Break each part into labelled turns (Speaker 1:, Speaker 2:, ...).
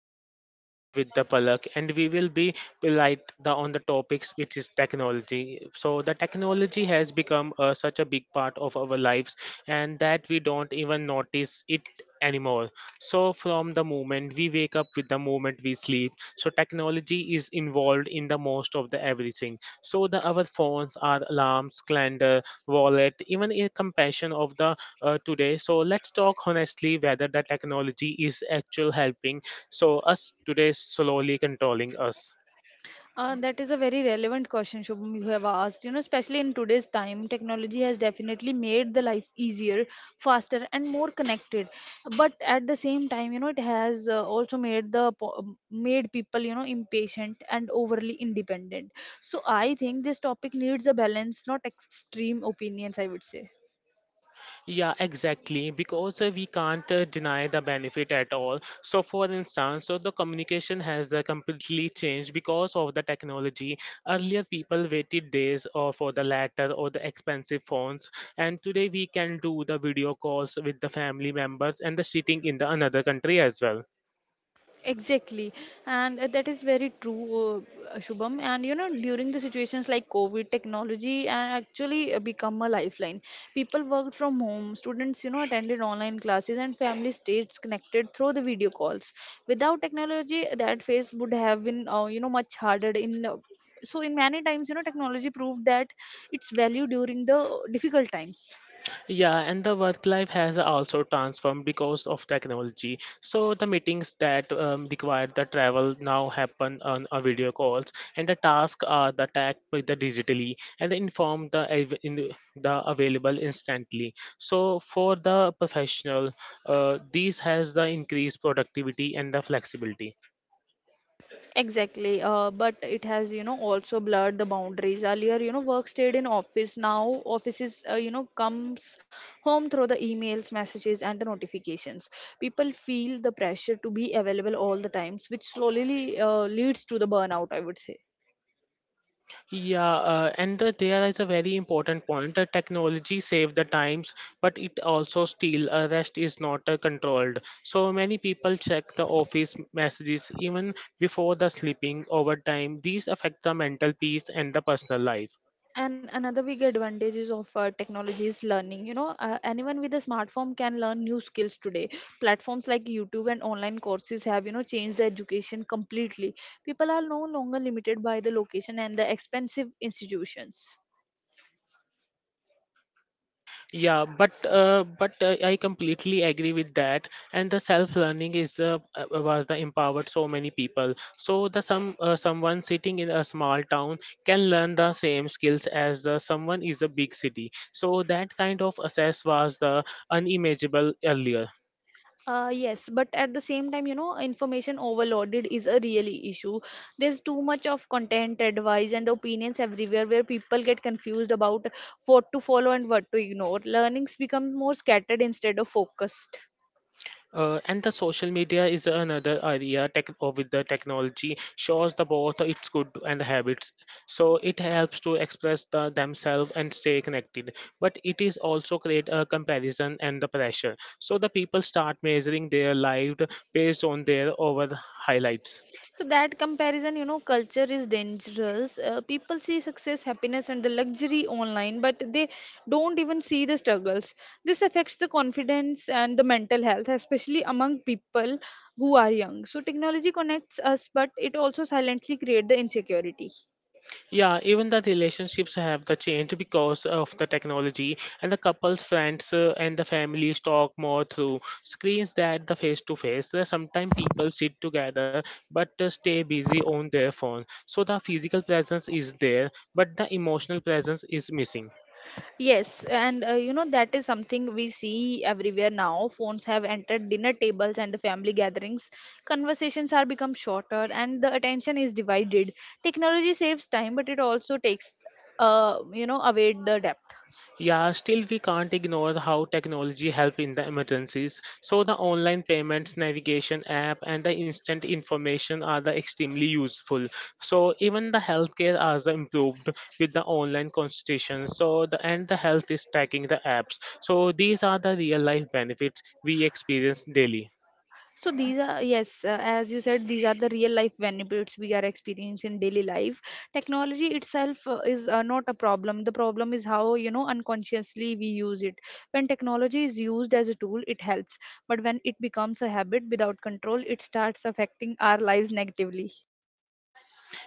Speaker 1: Shubham and joined with the Palak, and we will be light the, on the topics which is technology. So the technology has become such a big part of our lives, and that we don't even notice it anymore. So from the moment we wake up with the moment we sleep, so technology is involved in the most of the everything. So the our phones, our alarms, calendar, wallet, even a compassion of the today. So let's talk honestly whether the technology is actually helping. So us today slowly controlling us.
Speaker 2: That is a very relevant question, Shubham, you have asked. Especially in today's time, technology has definitely made the life easier, faster, and more connected. But at the same time, it has also made made people, impatient and overly independent. So I think this topic needs a balance, not extreme opinions, I would say.
Speaker 1: Yeah, exactly. Because we can't deny the benefit at all. So, for instance, so the communication has completely changed because of the technology. Earlier, people waited days or for the letter or the expensive phones, and today we can do the video calls with the family members and the sitting in the another country as well.
Speaker 2: Exactly, and that is very true, Shubham. And during the situations like COVID, technology actually become a lifeline. People worked from home, students, attended online classes, and family stayed connected through the video calls. Without technology, that phase would have been, much harder. In many times, technology proved that its value during the difficult times.
Speaker 1: Yeah, and the work life has also transformed because of technology. So the meetings that require the travel now happen on a video calls, and the tasks are the tagged with the digitally and they inform the av- in the available instantly. So for the professional, these has the increased productivity and the flexibility.
Speaker 2: Exactly, but it has, also blurred the boundaries. Earlier, work stayed in office. Now, offices, comes home through the emails, messages, and the notifications. People feel the pressure to be available all the times, which slowly leads to the burnout, I would say.
Speaker 1: Yeah, and there is a very important point. The technology save the times, but it also steal. A rest is not controlled. So many people check the office messages even before the sleeping over time. These affect the mental peace and the personal life.
Speaker 2: And another big advantages of technology is learning. Anyone with a smartphone can learn new skills today. Platforms like YouTube and online courses have, changed the education completely. People are no longer limited by the location and the expensive institutions.
Speaker 1: Yeah, but I completely agree with that. And the self-learning is was the empowered so many people. So the someone sitting in a small town can learn the same skills as someone is a big city. So that kind of access was the unimaginable earlier.
Speaker 2: Yes, but at the same time, information overloaded is a really issue. There's too much of content, advice, and opinions everywhere where people get confused about what to follow and what to ignore. Learnings become more scattered instead of focused.
Speaker 1: And the social media is another area tech or with the technology shows the both its good and the habits. So it helps to express the themselves and stay connected. But it is also create a comparison and the pressure. So the people start measuring their life based on their over highlights.
Speaker 2: So that comparison, culture is dangerous. People see success, happiness, and the luxury online, but they don't even see the struggles. This affects the confidence and the mental health, especially among people who are young. So technology connects us, but it also silently creates the insecurity.
Speaker 1: Yeah, even the relationships have the change because of the technology, and the couples, friends, and the families talk more through screens that the face to face. Sometimes people sit together but stay busy on their phone, so the physical presence is there, but the emotional presence is missing.
Speaker 2: Yes, and that is something we see everywhere now. Phones have entered dinner tables and the family gatherings. Conversations are become shorter and the attention is divided. Technology saves time, but it also takes away the depth.
Speaker 1: Yeah, still we can't ignore how technology help in the emergencies. So the online payments, navigation app, and the instant information are the extremely useful. So even the healthcare are the improved with the online consultation. So the and the health is tracking the apps. So these are the real life benefits we experience daily.
Speaker 2: So these are Yes, as you said, these are the real life benefits we are experiencing in daily life. Technology itself is not a problem. The problem is how unconsciously we use it. When technology is used as a tool, it helps, but when it becomes a habit without control, it starts affecting our lives negatively.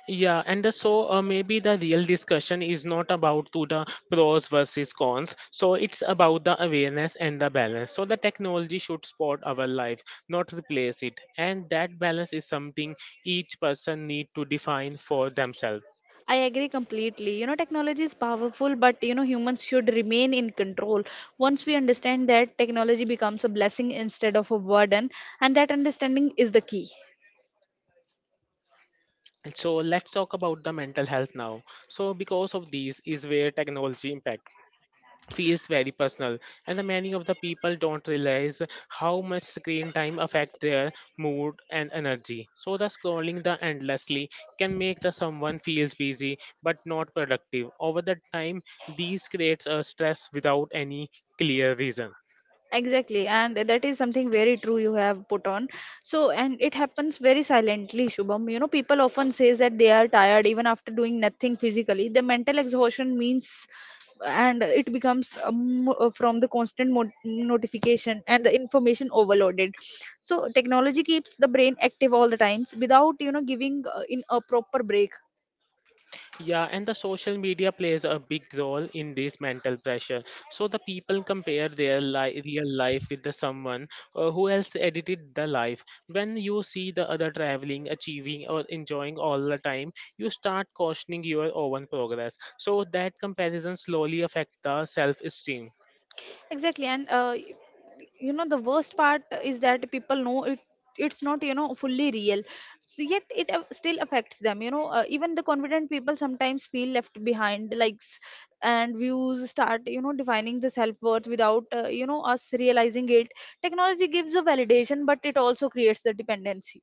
Speaker 1: Yeah, and so maybe the real discussion is not about to the pros versus cons. So it's about the awareness and the balance. So the technology should support our life, not replace it. And that balance is something each person need to define for themselves.
Speaker 2: I agree completely. Technology is powerful, but humans should remain in control. Once we understand that, technology becomes a blessing instead of a burden, and that understanding is the key.
Speaker 1: So let's talk about the mental health now. So because of these is where technology impacts, feels very personal and the many of the people don't realize how much screen time affect their mood and energy, so the scrolling the endlessly can make the someone feels busy but not productive over the time, these creates a stress without any clear reason.
Speaker 2: Exactly, and that is something very true you have put on. And it happens very silently, Shubham. People often says that they are tired even after doing nothing physically. The mental exhaustion means, and it becomes from the constant notification and the information overloaded. So, technology keeps the brain active all the times without giving in a proper break.
Speaker 1: Yeah, and the social media plays a big role in this mental pressure. So the people compare their real life with the someone who else edited the life. When you see the other traveling, achieving, or enjoying all the time, you start questioning your own progress. So that comparison slowly affects the self-esteem.
Speaker 2: Exactly, and the worst part is that people know it's not fully real, so yet it still affects them. Even the confident people sometimes feel left behind. Likes and views start defining the self-worth without us realizing it. Technology gives a validation, but it also creates the dependency.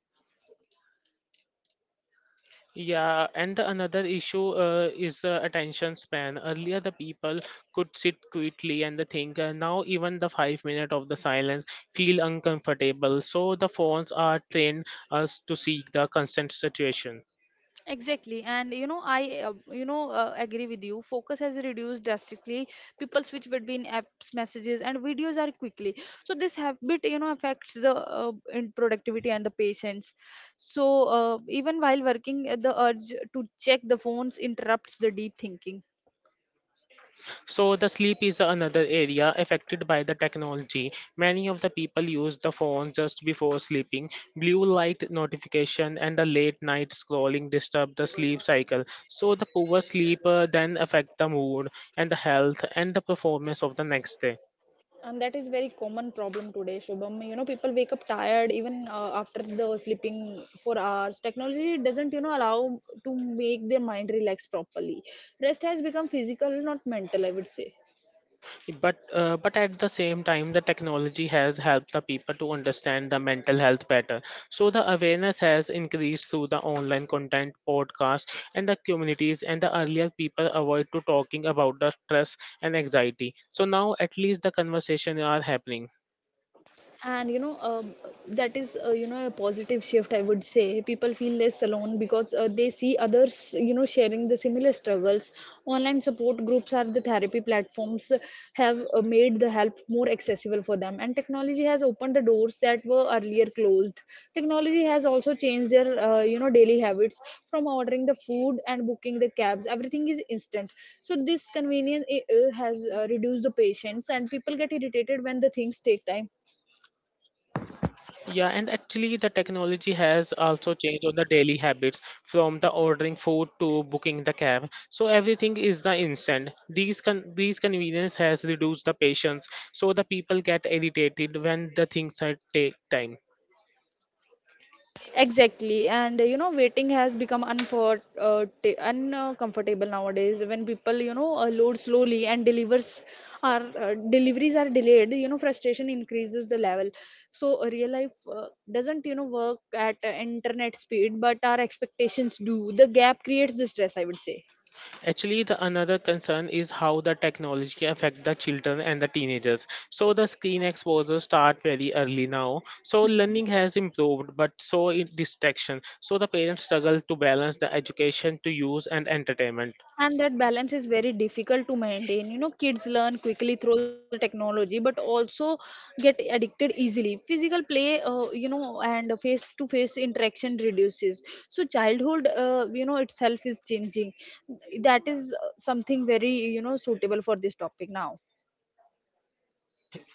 Speaker 1: Yeah, and the another issue is the attention span. Earlier, the people could sit quietly and the think. Now, even the 5 minute of the silence feel uncomfortable. So the phones are trained us to seek the constant situation.
Speaker 2: Exactly, and I agree with you. Focus has reduced drastically. People switch between apps, messages, and videos are quickly. So this habit, affects the in productivity and the patience. So even while working, the urge to check the phones interrupts the deep thinking.
Speaker 1: So the sleep is another area affected by the technology. Many of the people use the phone just before sleeping. Blue light notification and the late night scrolling disturb the sleep cycle. So the poor sleep then affect the mood and the health and the performance of the next day.
Speaker 2: And that is very common problem today, Shubham. People wake up tired even after the sleeping for hours. Technology doesn't allow to make their mind relax properly. Rest has become physical, not mental, I would say.
Speaker 1: But at the same time, the technology has helped the people to understand the mental health better, so the awareness has increased through the online content, podcasts, and the communities, and the earlier people avoid to talking about the stress and anxiety, so now at least the conversation are happening.
Speaker 2: And that is a positive shift, I would say. People feel less alone because they see others sharing the similar struggles. Online support groups are the therapy platforms have made the help more accessible for them, and technology has opened the doors that were earlier closed. Technology has also changed their daily habits. From ordering the food and booking the cabs, everything is instant. So this convenience has reduced the patience, and people get irritated when the things take time.
Speaker 1: Yeah, and actually, the technology has also changed on the daily habits from the ordering food to booking the cab. So everything is the instant. These convenience has reduced the patience, so the people get irritated when the things are take time.
Speaker 2: Exactly, and waiting has become uncomfortable nowadays. When people, load slowly and delivers are deliveries are delayed, frustration increases the level. So real life doesn't, work at internet speed, but our expectations do. The gap creates the stress, I would say.
Speaker 1: Actually, the another concern is how the technology affect the children and the teenagers. So the screen exposure start very early now. So learning has improved, but so in distraction. So the parents struggle to balance the education to use and entertainment.
Speaker 2: And that balance is very difficult to maintain. Kids learn quickly through the technology, but also get addicted easily. Physical play, and face to face interaction reduces. So childhood itself is changing. That is something very suitable for this topic now.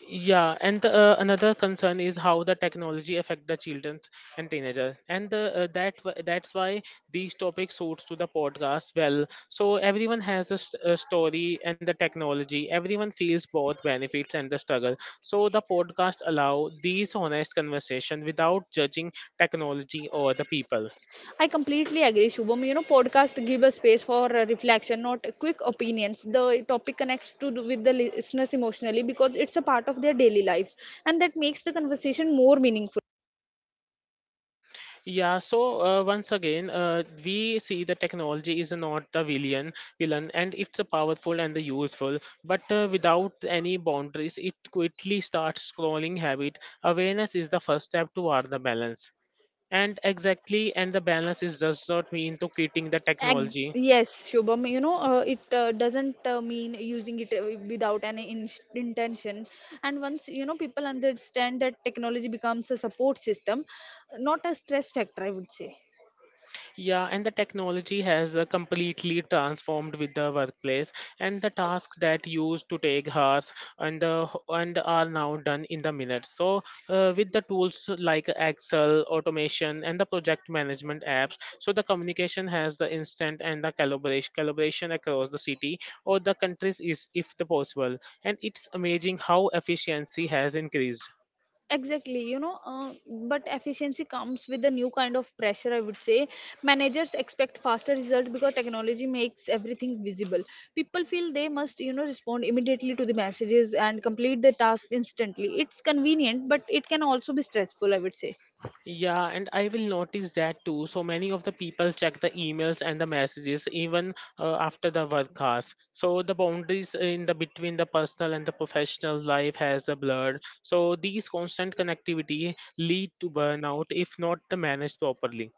Speaker 1: Yeah, another concern is how the technology affect the children and teenagers, and that's why these topics suits to the podcast well. So everyone has a story and the technology. Everyone feels both benefits and the struggle. So the podcast allow these honest conversation without judging technology or the people.
Speaker 2: I completely agree, Shubham. Podcast give a space for reflection, not quick opinions. The topic connects to do with the listeners emotionally because it's a part of their daily life, and that makes the conversation more meaningful.
Speaker 1: Yeah, so once again, we see the technology is not the villain, and it's a powerful and the useful. But without any boundaries, it quickly starts scrolling habit. Awareness is the first step toward the balance. And exactly, and the balance is does not mean to quitting the
Speaker 2: Ex-
Speaker 1: technology.
Speaker 2: yes, Shubham. It doesn't mean using it without any intention. And once people understand that, technology becomes a support system, not a stress factor, I would say.
Speaker 1: Yeah, and the technology has completely transformed with the workplace, and the tasks that used to take hours and are now done in the minutes. So, with the tools like Excel, automation, and the project management apps, so the communication has the instant and the collaboration across the city or the countries is if the possible, and it's amazing how efficiency has increased.
Speaker 2: Exactly. But efficiency comes with a new kind of pressure, I would say. Managers expect faster results because technology makes everything visible. People feel they must respond immediately to the messages and complete the task instantly. It's convenient, but it can also be stressful, I would say.
Speaker 1: Yeah, and I will notice that too. So many of the people check the emails and the messages even after the work hours. So the boundaries in the between the personal and the professional life has a blurred. So these constant connectivity lead to burnout if not the managed properly.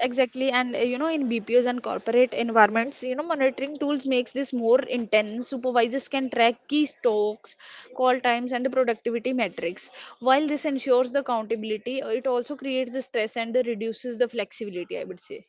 Speaker 2: Exactly, and in BPOs and corporate environments, monitoring tools makes this more intense. Supervisors can track key stocks, call times, and the productivity metrics. While this ensures the accountability, it also creates the stress and the reduces the flexibility, I would say.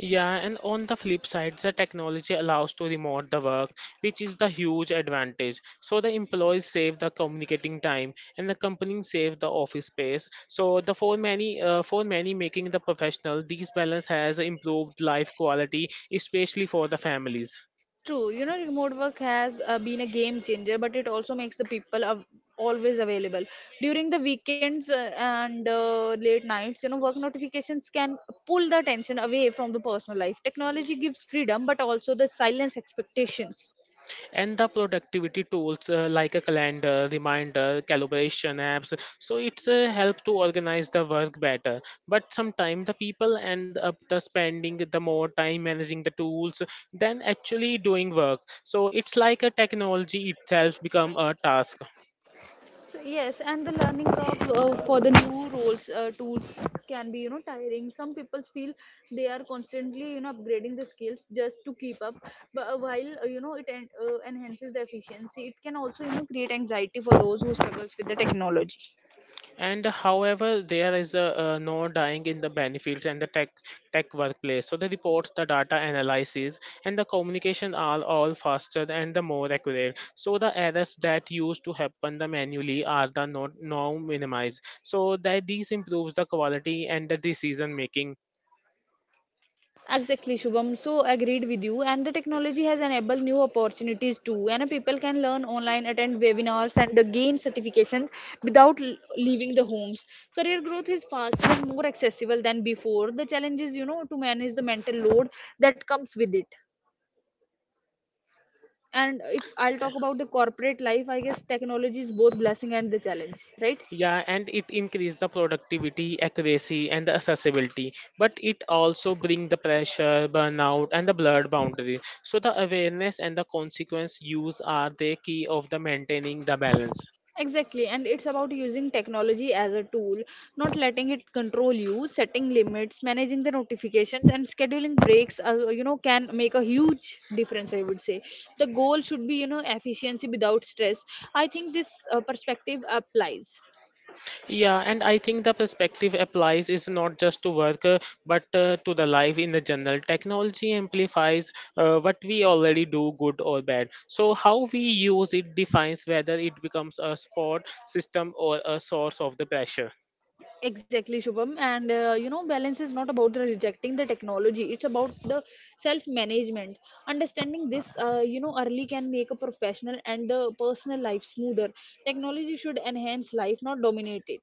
Speaker 1: Yeah, and on the flip side, the technology allows to remote the work, which is the huge advantage. So the employees save the communicating time, and the company save the office space. So the for many, for many making the professional, these balance has improved life quality, especially for the families.
Speaker 2: True, remote work has been a game changer, but it also makes the people always available during the weekends and late nights. Work notifications can pull the attention away from the personal life. Technology gives freedom, but also the silence expectations.
Speaker 1: And the productivity tools like a calendar reminder calibration apps, so it's a help to organize the work better, but sometimes the people end up the spending the more time managing the tools than actually doing work, so it's like a technology itself become a task.
Speaker 2: So yes, and the learning curve for the new roles tools can be tiring. Some people feel they are constantly upgrading the skills just to keep up, but while it enhances the efficiency, it can also create anxiety for those who struggles with the technology.
Speaker 1: And however there is no dying in the benefits and the tech workplace, so the reports, the data analysis, and the communication are all faster and the more accurate, so the errors that used to happen the manually are the not now minimized, so that these improves the quality and the decision making.
Speaker 2: Exactly, Shubham, so agreed with you. And the technology has enabled new opportunities too. And people can learn online, attend webinars, and gain certifications without leaving the homes. Career growth is faster and more accessible than before. The challenge is, to manage the mental load that comes with it. And if I'll talk about the corporate life, I guess technology is both blessing and the challenge, right?
Speaker 1: Yeah, and it increase the productivity, accuracy, and the accessibility. But it also bring the pressure, burnout, and the blurred boundary. So the awareness and the consequence use are the key of the maintaining the balance.
Speaker 2: Exactly, and it's about using technology as a tool, not letting it control you, setting limits, managing the notifications, and scheduling breaks. Can make a huge difference. I would say the goal should be efficiency without stress. I think this perspective applies.
Speaker 1: Yeah, and I think the perspective applies is not just to work, but to the life in the general. Technology amplifies what we already do, good or bad. So how we use it defines whether it becomes a support system or a source of the pressure.
Speaker 2: Exactly, Shubham. And balance is not about the rejecting the technology, it's about the self management. Understanding this, early can make a professional and the personal life smoother. Technology should enhance life, not dominate it.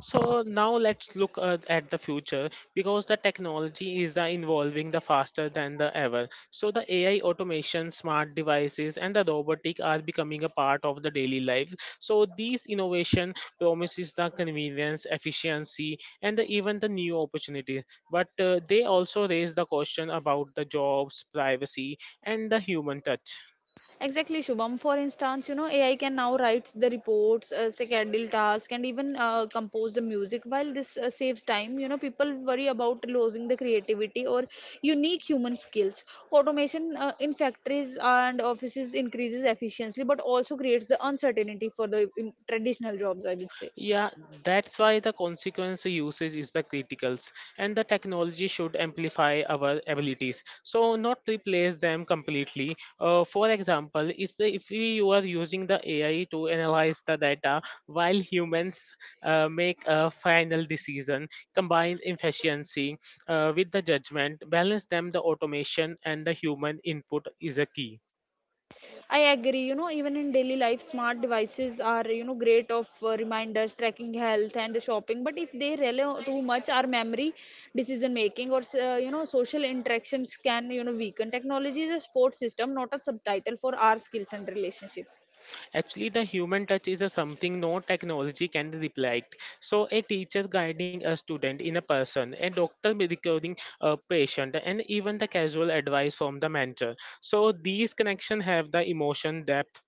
Speaker 1: So now let's look at the future because the technology is the evolving the faster than the ever. So the AI automation, smart devices, and the robotic are becoming a part of the daily life. So these innovation promises the convenience, efficiency, and the- even the new opportunity. But they also raise the question about the jobs, privacy, and the human touch.
Speaker 2: Exactly, Shubham. For instance, AI can now write the reports, schedule tasks, and even compose the music. While this saves time, people worry about losing the creativity or unique human skills. Automation in factories and offices increases efficiency, but also creates the uncertainty for the traditional jobs, I would say.
Speaker 1: Yeah, that's why the consequence usage is the criticals, and the technology should amplify our abilities, so not replace them completely. For example, it's the, if we, you are using the AI to analyze the data while humans make a final decision, combine efficiency with the judgment, balance them. The automation and the human input is a key.
Speaker 2: I agree. Even in daily life, smart devices are great of reminders, tracking health, and the shopping. But if they rely on too much, our memory, decision making, or social interactions can weaken. Technology is a support system, not a subtitle for our skills and relationships.
Speaker 1: Actually, the human touch is a something no technology can replicate. So, a teacher guiding a student in a person, a doctor recording a patient, and even the casual advice from the mentor. So, these connections have the emotion depth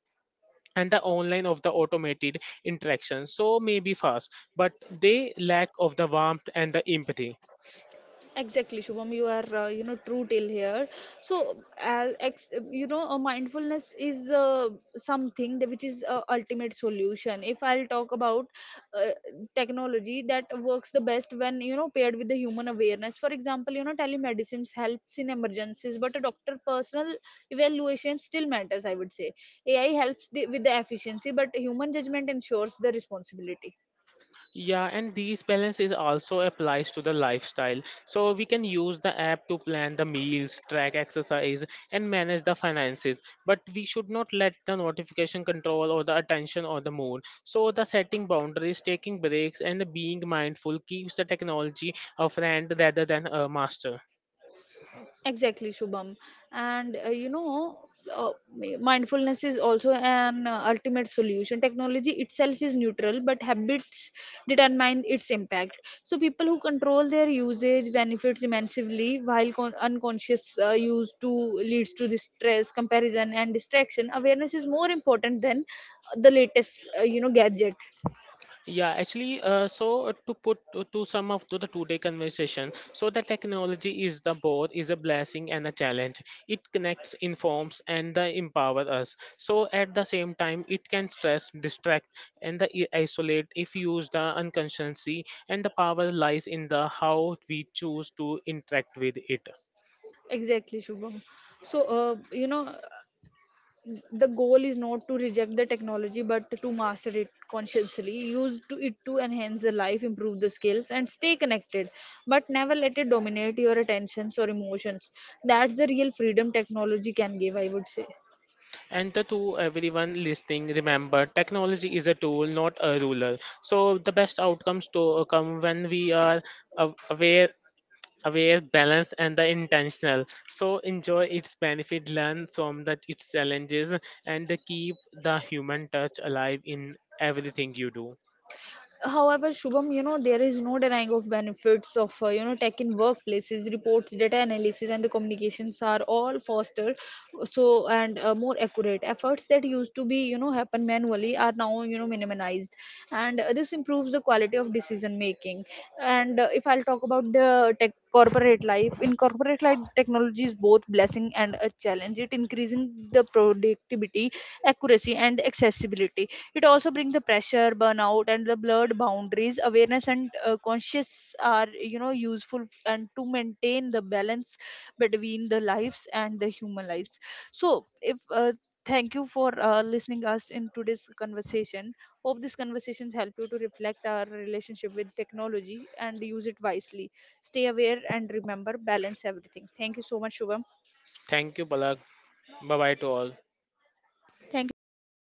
Speaker 1: and the online of the automated interaction. So, maybe fast, but they lack of the warmth and the empathy.
Speaker 2: Exactly, Shubham, you are true till here. So mindfulness is something that which is ultimate solution. If I'll talk about uh, technology that works the best when paired with the human awareness. For example, telemedicine helps in emergencies, but a doctor personal evaluation still matters, I would say. AI helps the, with the efficiency, but human judgment ensures the responsibility.
Speaker 1: Yeah, and these balance is also applies to the lifestyle. So we can use the app to plan the meals, track exercise, and manage the finances. But we should not let the notification control or the attention or the mood. So the setting boundaries, taking breaks, and being mindful keeps the technology a friend rather than a master.
Speaker 2: Exactly, Shubham. And uh, mindfulness is also an ultimate solution. Technology itself is neutral, but habits determine its impact. So, people who control their usage benefits immensely, while unconscious use to leads to the stress, comparison, and distraction. Awareness is more important than the latest, gadget.
Speaker 1: Yeah, actually, to to sum up to the today conversation, so the technology is the both is a blessing and a challenge. It connects, informs, and empower us. So at the same time, it can stress, distract, and the isolate if used unconsciously. And the power lies in the how we choose to interact with it.
Speaker 2: Exactly, Shubham. So, uh, you know, the goal is not to reject the technology but to master it, consciously use to it to enhance the life, improve the skills, and stay connected, but never let it dominate your attentions or emotions. That's the real freedom technology can give, I would say.
Speaker 1: And the, to everyone listening, remember, technology is a tool, not a ruler. So the best outcomes to come when we are aw- aware aware, balanced, and the intentional. So enjoy its benefit, learn from its challenges, and keep the human touch alive in everything you do.
Speaker 2: However, Shubham, there is no denying of benefits of, tech in workplaces, reports, data analysis, and the communications are all fostered and more accurate. Efforts that used to be, happen manually are now, minimized. And this improves the quality of decision making. And if I'll talk about the tech corporate life, in corporate life, technology is both blessing and a challenge. It increasing the productivity, accuracy, and accessibility. It also brings the pressure, burnout, and the blurred boundaries. Awareness and conscious are, useful and to maintain the balance between the lives and the human lives. So, if thank you for listening us in today's conversation. Hope these conversations help you to reflect our relationship with technology and use it wisely. Stay aware and remember balance everything. Thank you so much, Shubham.
Speaker 1: Thank you, Palak. Bye bye to all.
Speaker 2: Thank you so much.